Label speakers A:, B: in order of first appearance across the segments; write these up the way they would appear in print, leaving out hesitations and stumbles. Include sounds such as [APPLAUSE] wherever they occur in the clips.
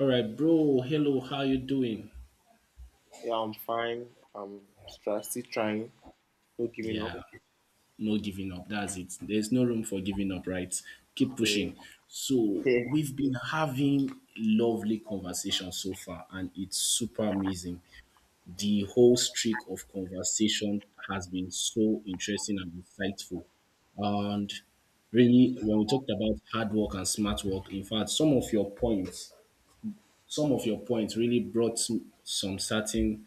A: All right, bro. Hello, how you doing?
B: Yeah, I'm fine. Still trying, not giving up.
A: Yeah, no giving up. That's it. There's no room for giving up, right? Keep
B: Yeah,
A: pushing. So
B: yeah,
A: we've been having lovely conversation so far, and it's super amazing. The whole streak of conversation has been so interesting and insightful. And really, when we talked about hard work and smart work, in fact, some of your points really brought some certain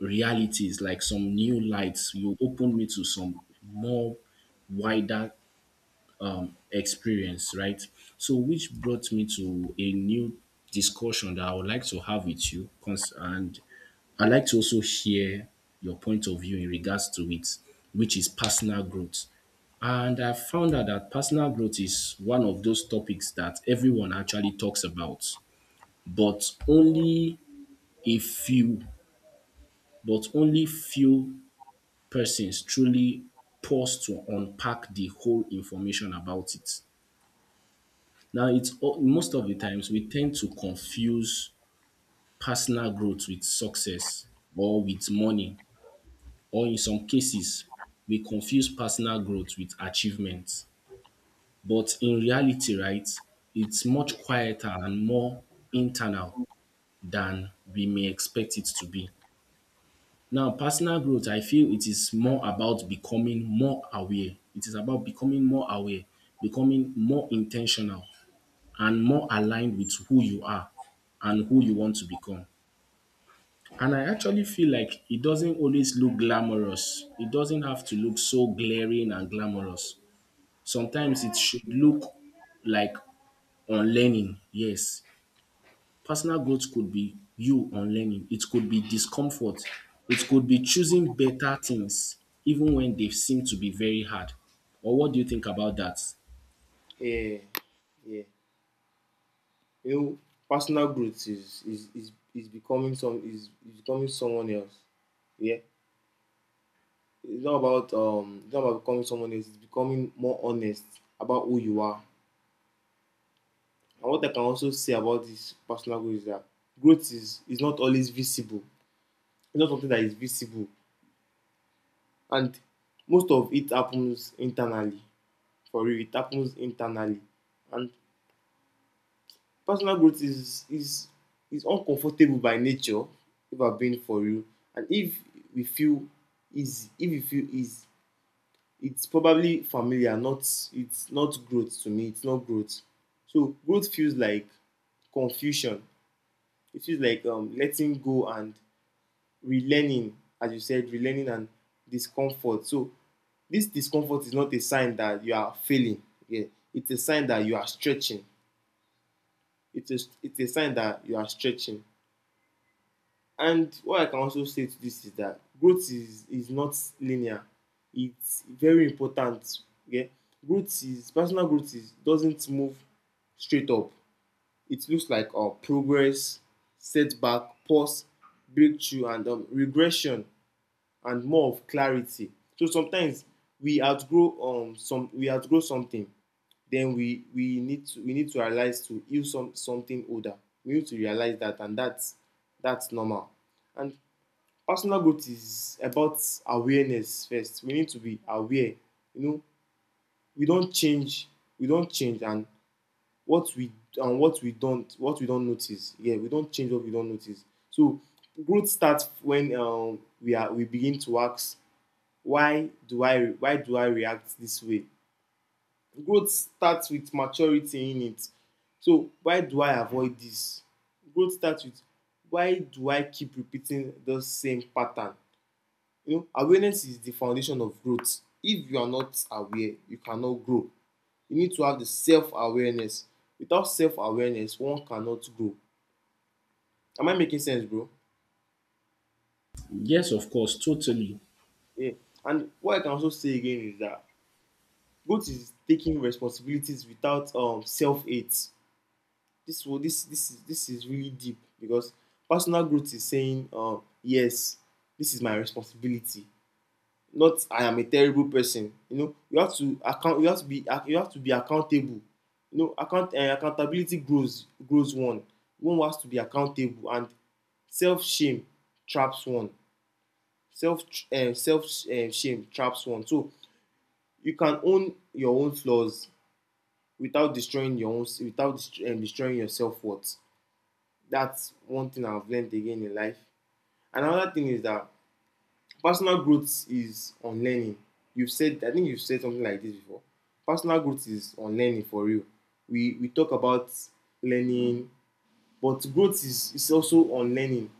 A: realities, like some new lights. You opened me to some more wider experience, right? So, which brought me to a new discussion that I would like to have with you. And I'd like to also hear your point of view in regards to it, which is personal growth. And I found out that personal growth is one of those topics that everyone actually talks about, but only a few, but only few persons truly pause to unpack the whole information about it. Now, it's most of the times we tend to confuse personal growth with success or with money, or in some cases, we confuse personal growth with achievement. But in reality, right, it's much quieter and more internal than we may expect it to be. Now, personal growth, I feel it is more about becoming more aware. It is about becoming more aware, becoming more intentional and more aligned with who you are and who you want to become. And I actually feel like it doesn't always look glamorous. It doesn't have to look so glaring and glamorous. Sometimes it should look like unlearning. Yes, personal growth could be you on learning. It could be discomfort. It could be choosing better things even when they seem to be very hard. Or what do you think about that?
B: yeah. yeah. You know, personal growth is becoming someone else. Yeah, it's not about becoming someone else. It's becoming more honest about who you are. And what I can also say about this personal growth is that growth is not always visible. It's not something that is visible, and most of it happens internally. For real, it happens internally, and personal growth is is uncomfortable by nature, if I've been for real. And we feel if we feel easy, it's probably familiar, not it's not growth to me. It's not growth. So growth feels like confusion. It feels like letting go and relearning, as you said, relearning and discomfort. So this discomfort is not a sign that you are failing. Yeah, it's a sign that you are stretching. It's a, it's a sign that you are stretching. And what I can also say to this is that growth is not linear. It's very important. Okay, growth is personal growth is doesn't move straight up. It looks like progress, setback, pause, breakthrough, and regression, and more of clarity. So sometimes we outgrow we outgrow something, then we need to realize to use something older. We need to realize that, and that's normal. And personal growth is about awareness first. We need to be aware. You know, we don't change. We don't change, and what we don't notice. Yeah, we don't change what we don't notice. So growth starts when we begin to ask why do I react this way. Growth starts with maturity in it. So why do I avoid this? Growth starts with why do I keep repeating the same pattern? You know, awareness is the foundation of growth. If you are not aware, you cannot grow. You need to have the self awareness. Without self awareness, one cannot grow. Am I making sense, bro?
A: Yes, of course, totally.
B: Yeah. And what I can also say again is that growth is taking responsibilities without self hate. This wo- this this is really deep because personal growth is saying yes, this is my responsibility. Not I am a terrible person. You know, you have to be accountable. You know, accountability grows one. One has to be accountable, and self shame traps one. Self self Shame traps one. So you can own your own flaws without destroying your own without dest- destroying your self worth. That's one thing I've learned again in life. Another thing is that personal growth is on learning. You've said, I think you've said something like this before. Personal growth is on learning for real. We talk about learning, but growth is also on learning.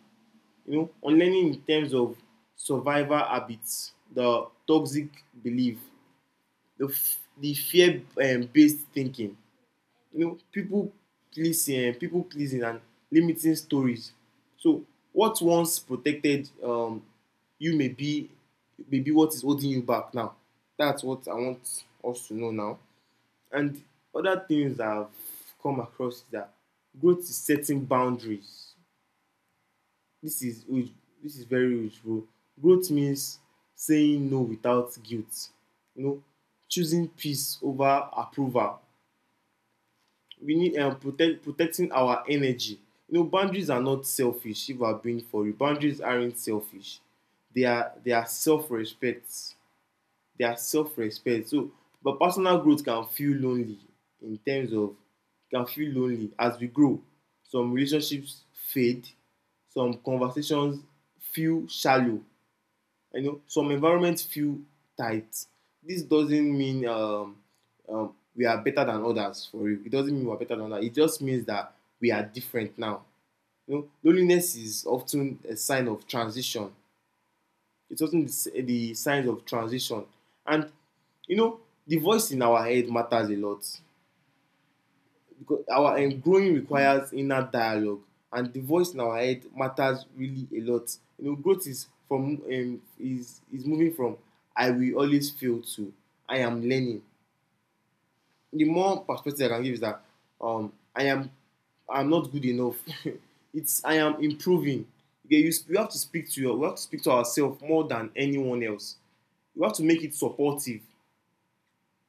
B: You know, on learning in terms of survival habits, the toxic belief, the fear based thinking. You know, people pleasing and limiting stories. So what once protected you may be what is holding you back now. That's what I want us to know now. And other things I've come across is that growth is setting boundaries. This is this is very huge, bro. Growth means saying no without guilt. You know, choosing peace over approval. We need protecting our energy. You know, boundaries are not selfish. If I've been for you, boundaries aren't selfish. They are self-respect. They are self-respect. So, but personal growth can feel lonely in terms of can feel lonely as we grow. Some relationships fade. Some conversations feel shallow. You know, some environments feel tight. This doesn't mean we are better than others for you, it doesn't mean we are better than others. It just means that we are different now. You know, loneliness is often a sign of transition. It's often the signs of transition, and you know, the voice in our head matters a lot, because our growing requires inner dialogue, and the voice in our head matters really a lot. You know, growth is from is moving from "I will always fail" to "I am learning". The more perspective I can give is that I am not good enough. [LAUGHS] It's I am improving. Okay, you have to speak to your we have to speak to ourselves more than anyone else. You have to make it supportive.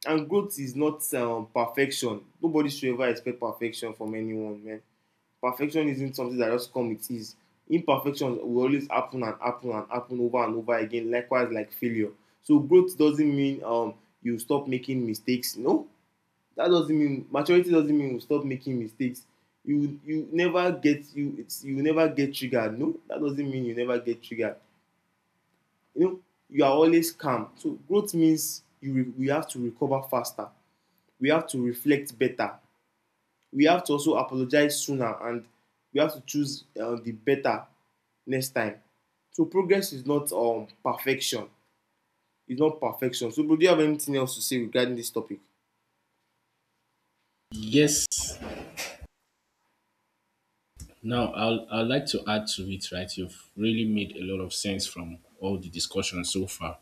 B: And growth is not perfection. Nobody should ever expect perfection from anyone, man. Perfection isn't something that just comes with ease. Imperfections will always happen and happen and happen over and over again, likewise like failure. So growth doesn't mean you stop making mistakes. No, that doesn't mean maturity doesn't mean you stop making mistakes. You never get triggered. No, that doesn't mean you never get triggered. You know, you are always calm. So growth means we have to recover faster, we have to reflect better, we have to also apologize sooner, and we have to choose the better next time. So progress is not perfection. It's not perfection. So, bro, do you have anything else to say regarding this topic?
A: Yes. Now, I'd like to add to it, right? You've really made a lot of sense from all the discussion so far.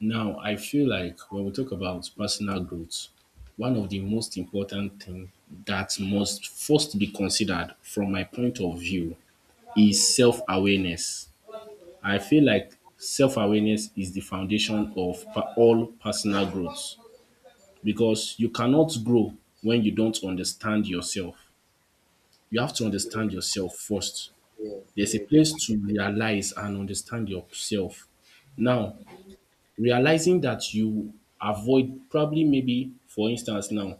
A: Now, I feel like when we talk about personal growth, one of the most important thing that must first be considered from my point of view is self-awareness. I feel like self-awareness is the foundation of all personal growth because you cannot grow when you don't understand yourself. You have to understand yourself first.
B: Yeah,
A: There's a
B: yeah,
A: place
B: definitely.
A: to realize and understand yourself. Now, realizing that you avoid, probably maybe for instance now,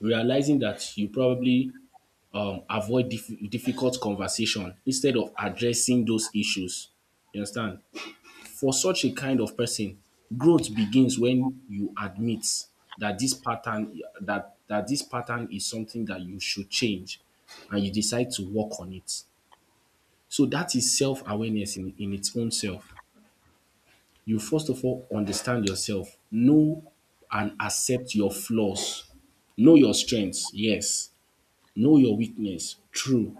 A: realizing that you probably avoid difficult conversation instead of addressing those issues, you understand. For such a kind of person, growth begins when you admit that this pattern is something that you should change and you decide to work on it. So that is self-awareness in its own self. You first of all understand yourself. Know and accept your flaws. Know your strengths, yes. Know your weakness, true,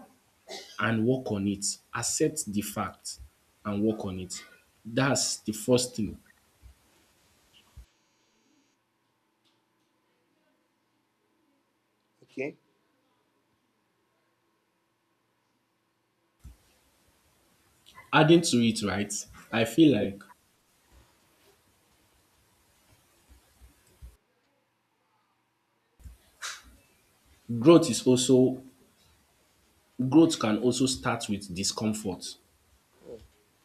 A: and work on it. Accept the fact and work on it. That's the first thing.
B: Okay
A: Adding to it, right, I feel like growth is also growth can also start with discomfort.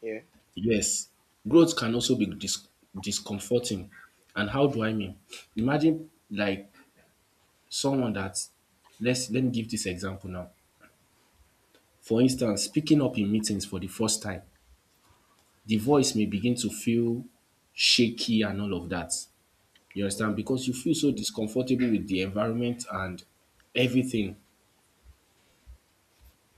B: yeah
A: Yes, growth can also be discomforting. And how do I mean? Imagine like someone that let's let me give this example now. For instance, speaking up in meetings for the first time, the voice may begin to feel shaky and all of that. You understand?
B: Yeah,
A: Because you feel so discomfortable with the environment and everything.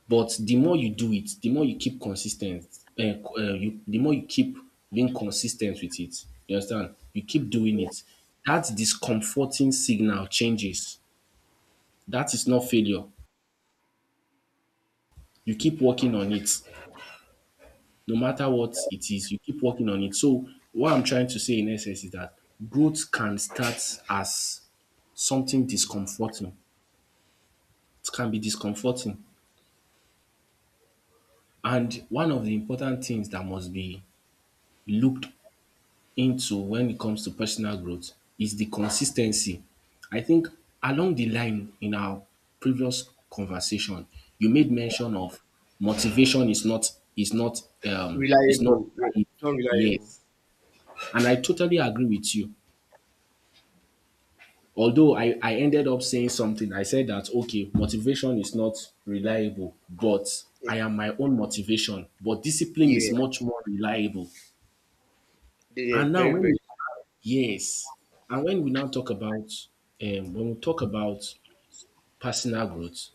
A: But the more you do it, the more you keep consistent. The more you keep being consistent with it. You understand? You keep doing it. That discomforting signal changes. That is not failure. You keep working on it. No matter what it is, you keep working on it. So, what I'm trying to say in essence is that growth can start as something discomforting. It can be discomforting. And one of the important things that must be looked into when it comes to personal growth is the consistency. I think along the line in our previous conversation, you made
B: yeah.
A: mention of motivation is not is not um is not
B: Reliable. Yeah, it's not reliable.
A: Yes, and I totally agree with you. Although I ended up saying something, I said that, okay, motivation is not reliable, but
B: Yeah
A: I am my own motivation. But discipline
B: yeah,
A: is much more reliable.
B: yeah yeah,
A: And now,
B: very very
A: yes, and when we talk about personal growth,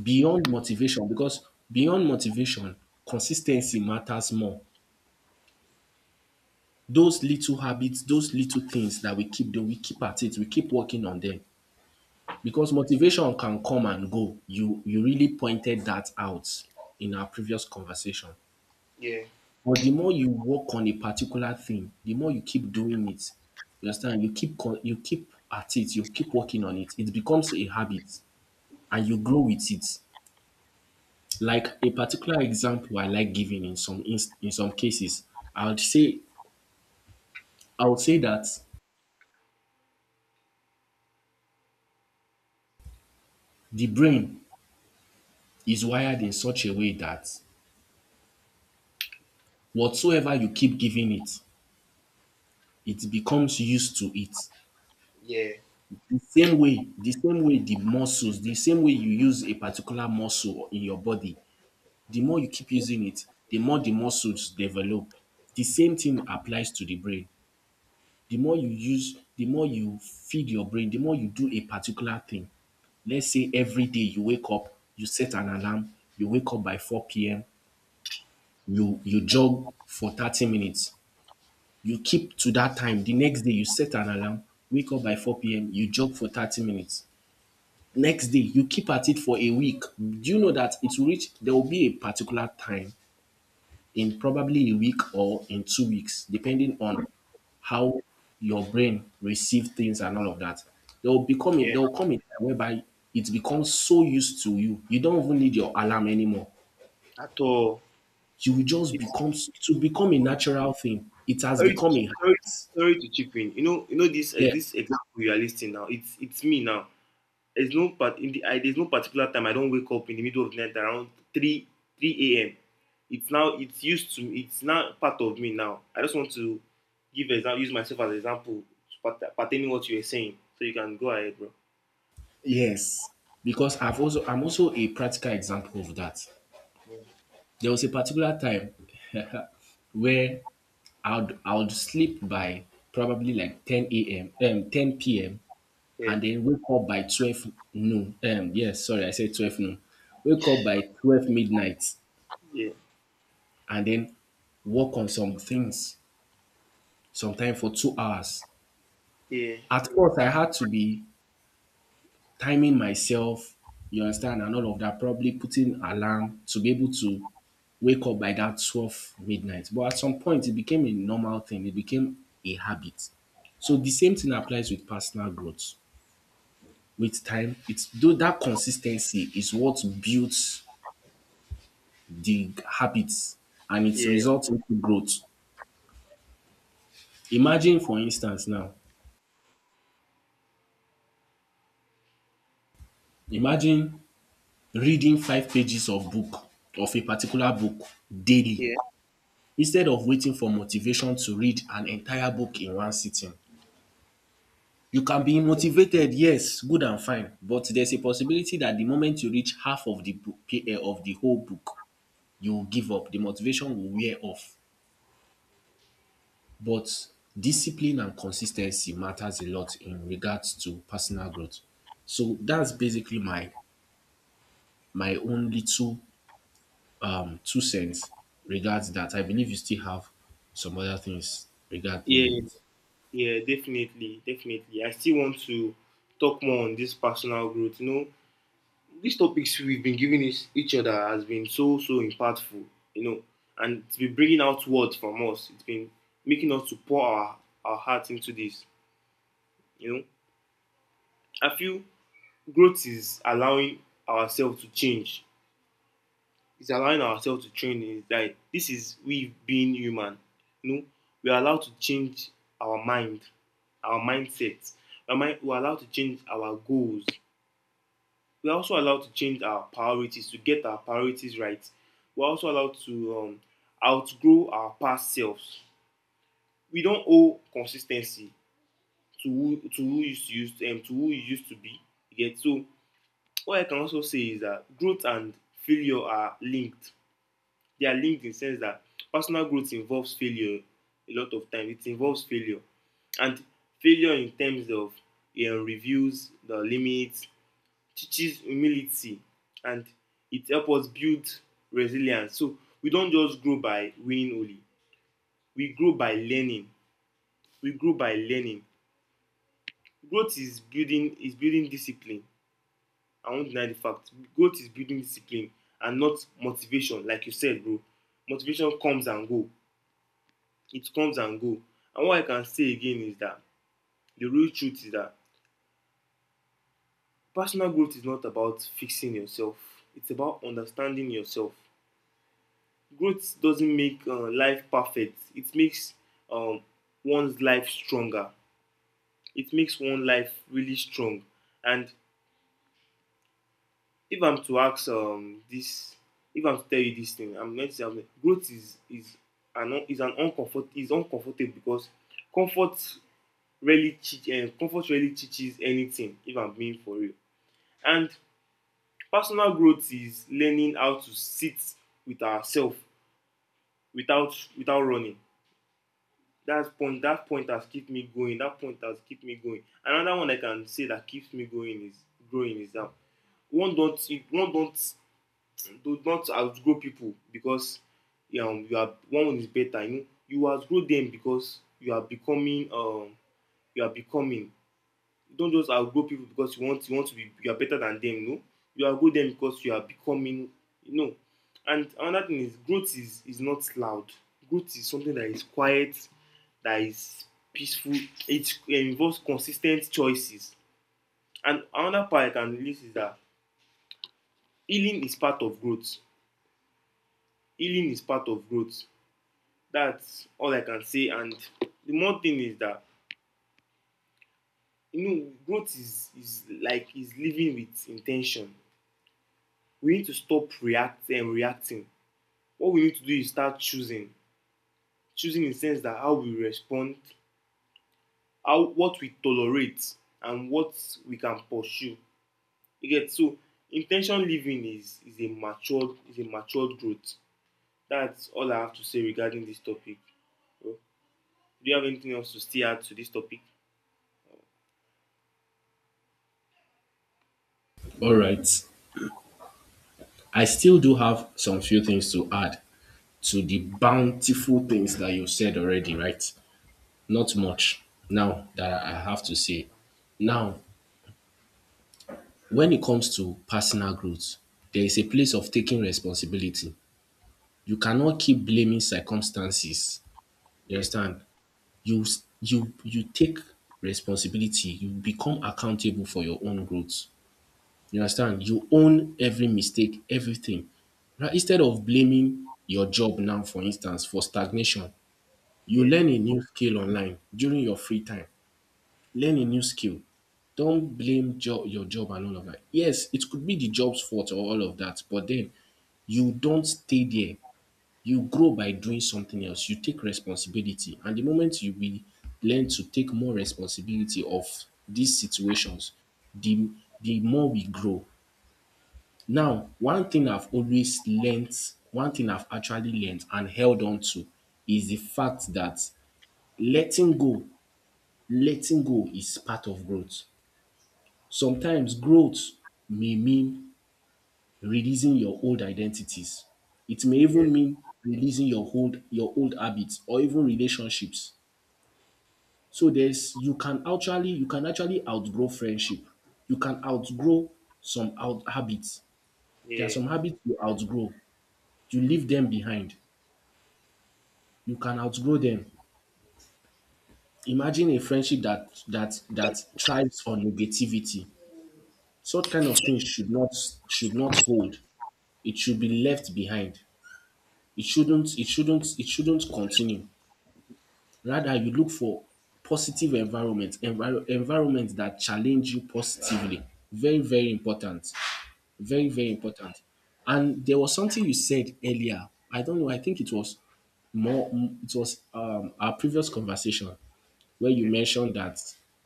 A: beyond motivation, because beyond motivation, consistency matters more. Those little habits, those little things that we keep doing, we keep at it, we keep working on them. Because motivation can come and go. You really pointed that out in our previous conversation.
B: Yeah,
A: But the more you work on a particular thing, the more you keep doing it. You understand? You keep at it. You keep working on it. It becomes a habit, and you grow with it. Like a particular example, I like giving in some cases, I would say I would say that the brain is wired in such a way that whatsoever you keep giving it, it becomes used to it.
B: yeah
A: The same way the same way the muscles the same way you use a particular muscle in your body, the more you keep using it, the more the muscles develop. The same thing applies to the brain. The more you use, the more you feed your brain, the more you do a particular thing. Let's say every day you wake up, you set an alarm, you wake up by 4 p.m., you jog for 30 minutes. You keep to that time. The next day you set an alarm, wake up by 4 p.m., you jog for 30 minutes. Next day, you keep at it for a week. Do you know that it will reach, there will be a particular time in probably a week or in 2 weeks, depending on how your brain receives things and all of that,
B: yeah
A: there will come a time whereby it becomes so used to you, you don't even need your alarm anymore.
B: at all
A: You will just
B: it's
A: become It will become a natural thing. It has
B: Sorry to
A: become a
B: sorry
A: habit.
B: sorry to chip in. You know, you know this
A: Yeah,
B: this example you are listing now, it's me now. There's no particular time I don't wake up in the middle of the night around three a.m. It's now it's used to it's now part of me now. I just want to give example, use myself as an example pertaining what you were saying, so you can go ahead, bro.
A: yes, because I'm also a practical example of that. There was a particular time [LAUGHS] where I would sleep by probably like 10 a.m., 10 p.m.,
B: Yeah,
A: and then wake up by 12 noon. Yes, sorry, I said 12 noon. Wake up by 12 midnight
B: yeah,
A: and then work on some things sometime for 2 hours.
B: yeah,
A: At first I had to be timing myself, you understand, and all of that, probably putting alarm to be able to wake up by that 12 midnight. But at some point, it became a normal thing. It became a habit. So the same thing applies with personal growth. With time, it's though that consistency is what builds the habits and it
B: yeah,
A: results into growth. Imagine, for instance, now, imagine reading 5 pages of a particular book daily.
B: yeah,
A: Instead of waiting for motivation to read an entire book in one sitting. You can be motivated, yes, good and fine, but there's a possibility that the moment you reach half of the book, of the whole book, you will give up. The motivation will wear off. But discipline and consistency matters a lot in regards to personal growth. So that's basically my own little two cents regards that. I believe you still have some other things regarding
B: yeah,
A: it.
B: yeah. Definitely, definitely. I still want to talk more on this personal growth. You know, these topics we've been giving each other has been so so impactful, you know, and it's been bringing out words from us. It's been making us to pour our hearts into this, you know. I feel growth is allowing ourselves to change. It's allowing ourselves to train. Is like this is we being human, you know. We are allowed to change our mind, our mindset. Our mind, we're allowed to change our goals. We are also allowed to change our priorities to get our priorities right. We're also allowed to outgrow our past selves. We don't owe consistency to who you used to who you used to be. You get so. What I can also say is that growth and failure are linked. They are linked in the sense that personal growth involves failure a lot of times. It involves failure, and failure in terms of reviews, the limits, teaches humility, and it helps us build resilience. So we don't just grow by winning only. We grow by learning. We grow by learning. Growth is building discipline. I won't deny the fact. Growth is building discipline and not motivation, like you said, bro. Motivation comes and go. It comes and go. And what I can say again is that the real truth is that personal growth is not about fixing yourself. It's about understanding yourself. Growth doesn't make life perfect. It makes um, one's life stronger. It makes one life really strong. And if I'm to ask this if I'm to tell you this thing, I'm going to say I'm, growth is an uncomfort is uncomfortable, because comfort really teach comfort really teaches anything, if I'm being for real. And personal growth is learning how to sit with ourselves without running. That point has kept me going. Another one I can say that keeps me going is growing, is that one don't one don't do not outgrow people because you are one is better you know. You outgrow them because you are becoming. You are becoming you don't just outgrow people because you want to be, you are better than them. No, you outgrow them because you are becoming, you know. And another thing is growth is not loud. Growth is something that is quiet, that is peaceful. It involves consistent choices. And another part I can relate is that healing is part of growth. Healing is part of growth. That's all I can say. And the more thing is that, you know, growth is like is living with intention. We need to stop reacting and reacting. What we need to do is start choosing, choosing in the sense that how we respond, how what we tolerate, and what we can pursue. You get so in living is a matured growth. That's all I have to say regarding this topic. so, do you have anything else to still add to this topic?
A: Alright. I still do have some few things to add to the bountiful things that you said already, right? Not much now that I have to say. Now, when it comes to personal growth, there is a place of taking responsibility. You cannot keep blaming circumstances. You
B: Yeah,
A: understand? You you take responsibility, you become accountable for your own growth. You understand? You own every mistake, everything. Right? Instead of blaming your job now, for instance, for stagnation, you
B: yeah,
A: learn a new skill online during your free time. Learn a new skill. Don't blame your job and all of that. Yes, it could be the job's fault or all of that, but then you don't stay there. You grow by doing something else. You take responsibility. And the moment you be learn to take more responsibility of these situations, the the more we grow. Now, one thing I've always learnt, one thing I've actually learnt and held on to is the fact that letting go, letting go is part of growth. Sometimes growth may mean releasing your old identities. It may
B: yeah,
A: even mean releasing your old habits or even relationships. So there's you can actually outgrow friendship. You can outgrow some out habits. There are
B: yeah,
A: some habits you outgrow. You leave them behind. You can outgrow them. Imagine a friendship that thrives on negativity. Such kind of things should not hold. It should be left behind. It shouldn't continue. Rather, you look for positive environment, environment that challenge you positively. Very, very important. Very,
B: yeah.
A: very important. And there was something you said earlier. I don't know. I think it was It was our previous conversation where you
B: Okay.
A: mentioned that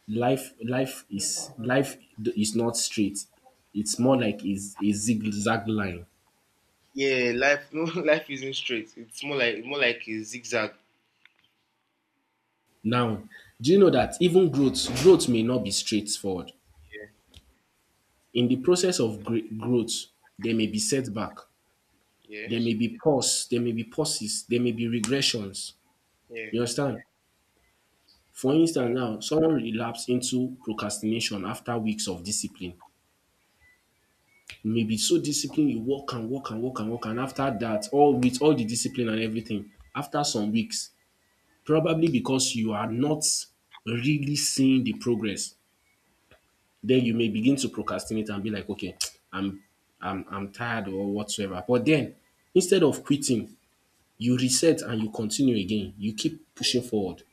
A: life, life is not straight. It's more like is a zigzag line.
B: Yeah, life [LAUGHS] no, life isn't straight, it's more like a zigzag.
A: Now, do you know that even growth may not be straightforward. In the process of growth, there may be setback,
B: Yes.
A: there may be pauses, there may be regressions.
B: Yeah.
A: You understand? For
B: And
A: instance now, someone relapse into procrastination after weeks of discipline. You may be so disciplined you work and work and work and work and after that all with all the discipline and everything after some weeks probably because you are not really seeing the progress then you may begin to procrastinate and be like okay [TSK] I'm I'm tired or whatsoever. But then instead of quitting you reset and you continue again. You keep pushing forward.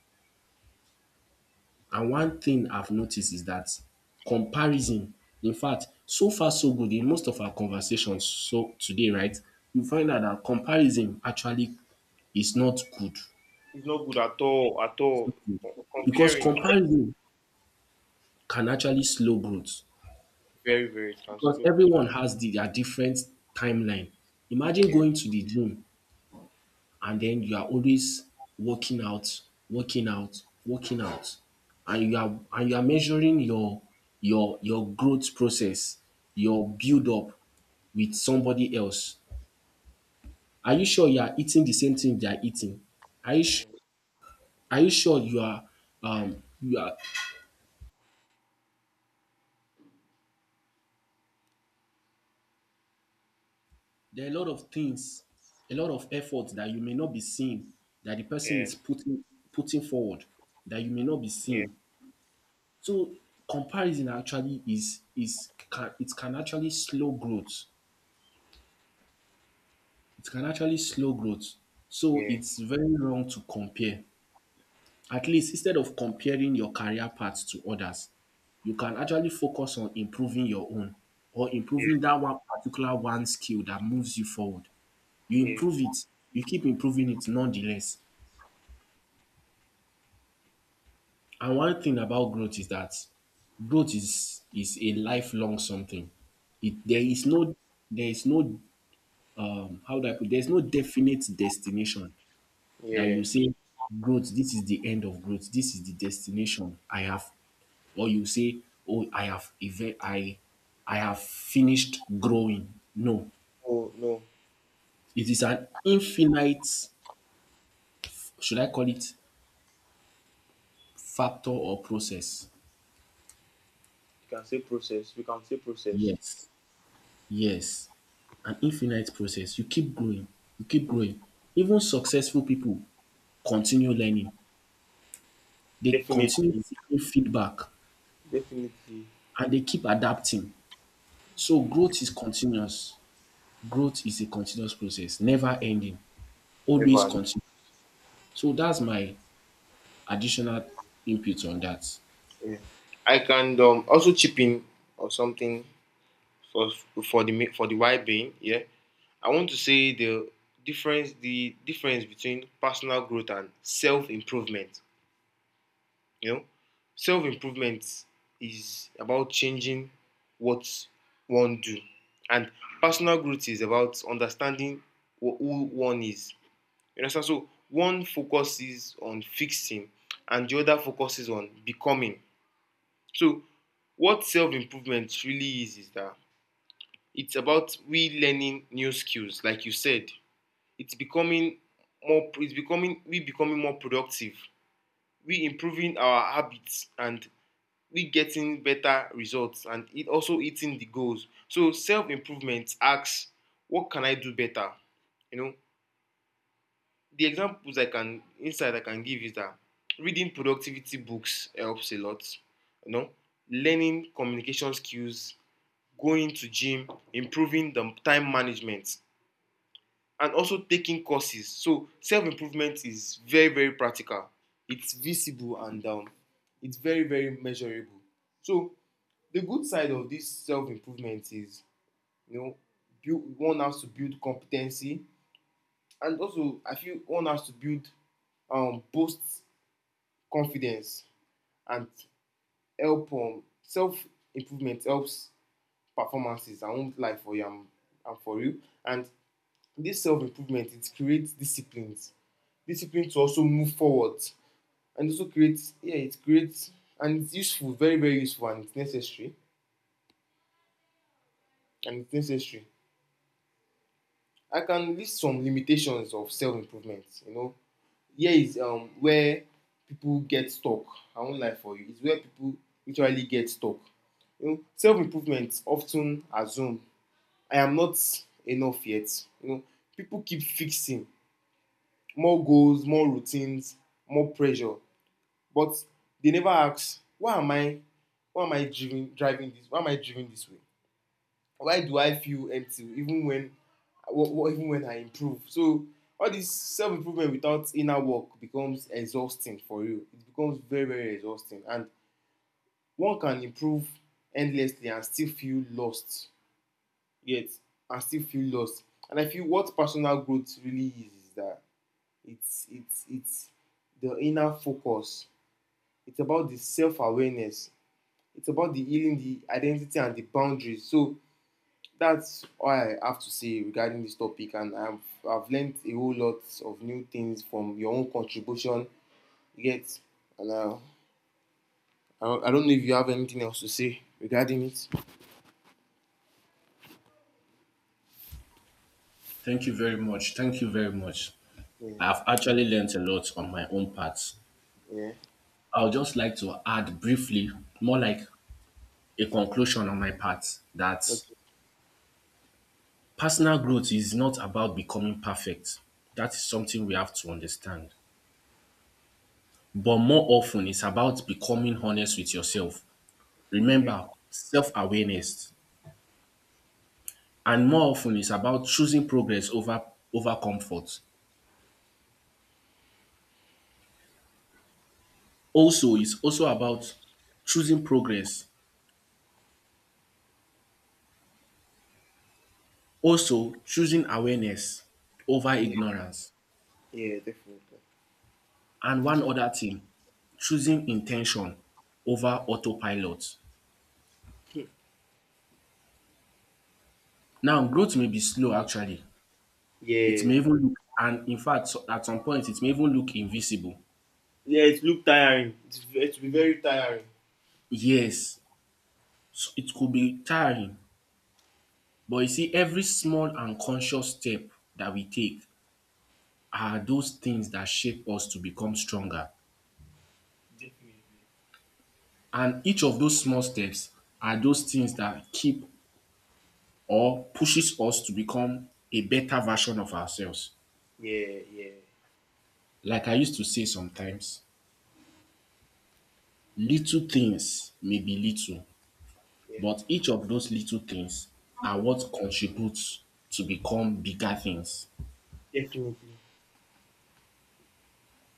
A: And one thing I've noticed is that comparison, in fact, so far so good in most of our conversations so today, right, you find out that comparison actually is not good
B: he's not good at all, at all.
A: because
B: Comparing
A: comparison can actually slow growth
B: very, very
A: because
B: transload.
A: everyone has their different timeline. Imagine
B: Yeah,
A: going to the gym and then you are always working out, working out, and you are measuring your growth process, your build up with somebody else. Are you sure you are eating the same thing they are eating? Are you su- are you sure you are there are a lot of things, a lot of effort that you may not be seeing that the person
B: yeah,
A: is putting putting forward that you may not be
B: yeah,
A: seeing. So comparison actually it can actually slow growth. It can actually slow growth. So
B: yeah,
A: it's very wrong to compare. At least instead of comparing your career path to others, you can actually focus on improving your own or
B: yeah,
A: improving that one skill that moves you forward. You
B: yeah,
A: improve it, you keep improving it nonetheless. And one thing about growth is that growth is a lifelong something. It there
B: def-
A: is no there is no how do I put there's no definite destination that
B: yeah.
A: you say growth, this is the end of growth, this is the destination I have or you say, "Oh, I have finished growing." No,
B: Oh, no,
A: it is an infinite. Should I call it factor or process?
B: you can say process.
A: Yes, yes, an infinite process. You keep growing, you keep growing. Even successful people continue learning. They continue
B: Definitely,
A: seeking feedback
B: definitely,
A: and they keep adapting. So
B: definitely.
A: growth is continuous. Growth is a continuous process, never ending, always
B: Ever.
A: continue. So that's my additional input on that.
B: Yeah. I can also chip in or something for the for the wide being. Yeah, I want to say the difference, between personal growth and self improvement. You know, self improvement is about changing what one do, and personal growth is about understanding who one is. You understand? So one focuses on fixing, and the other focuses on becoming. So what self improvement really is that it's about we learning new skills, like you said. It's becoming more. It's becoming, we becoming more productive. We improving our habits, and we getting better results, and it also hitting the goals. So self improvement asks, what can I do better? You know, the examples I can give is that reading productivity books helps a lot. You know, learning communication skills, going to gym, improving the time management, and also taking courses. So self improvement is very very practical. It's visible and it's very very measurable. So the good side of this self improvement is, you know, build one has to build competency, and also I feel one has to build boost confidence, and help self improvement helps performances and won't lie for you, and am for you, and this self improvement, it creates discipline to also move forward, and also creates, yeah, it creates, and it's useful, very very useful, and it's necessary, and it's necessary I can list some limitations of self-improvement. You know, here is where people get stuck. I won't lie for you. It's where people literally get stuck. You know, self-improvement often assume I am not enough yet. You know, people keep fixing more goals, more routines, more pressure, but they never ask, why am I driving this, why am I driving this way? Why do I feel empty even when even when I improve. So all this self improvement without inner work becomes exhausting for you. It becomes very very exhausting, and one can improve endlessly and still feel lost, yet and still feel lost and I feel what personal growth really is that it's it's the inner focus. It's about the self awareness. It's about the healing, the identity, and the boundaries. So that's all I have to say regarding this topic, and I've learned a whole lot of new things from your own contribution. Yet, and I don't know if you have anything else to say regarding it.
A: Thank you very much. Thank you very much.
B: Yeah,
A: I've actually learnt a lot on my own part.
B: yeah,
A: I would just like to add briefly, more like a conclusion on my part, that
B: okay,
A: personal growth is not about becoming perfect. That is something we have to understand. But more often, it's about becoming honest with yourself.
B: yeah,
A: Remember, self awareness. And more often, it's about over comfort. Also, it's also about choosing progress Also, choosing awareness over
B: yeah,
A: ignorance.
B: yeah, definitely.
A: And one other thing, choosing intention over autopilot. Now, growth may be slow actually. It
B: Yeah,
A: may even look, and in fact, at some point, it may even look invisible.
B: yeah, it looked tiring. It's been very tiring.
A: Yes, it could be tiring, but you see, every small and conscious step that we take are those things that shape us to become stronger.
B: Definitely.
A: And each of those small steps are those things that keep or pushes us to become a better version of ourselves.
B: Yeah, yeah,
A: Like I used to say sometimes, little things may be little,
B: yeah,
A: but each of those little things are what contributes to become bigger things.
B: definitely.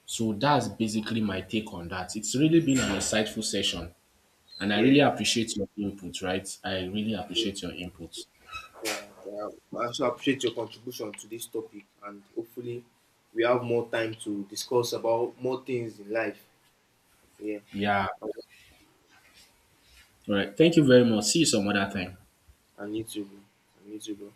A: So that's basically my take on that. It's really been an insightful session, and I really
B: Yeah.
A: appreciate your input, right? I really appreciate your input.
B: Yeah, yeah. I also appreciate your contribution to this topic, and hopefully we have more time to discuss about more things in life. Yeah,
A: Yeah. All right. Thank you very much. See you some other time.
B: I need to go. I need to go.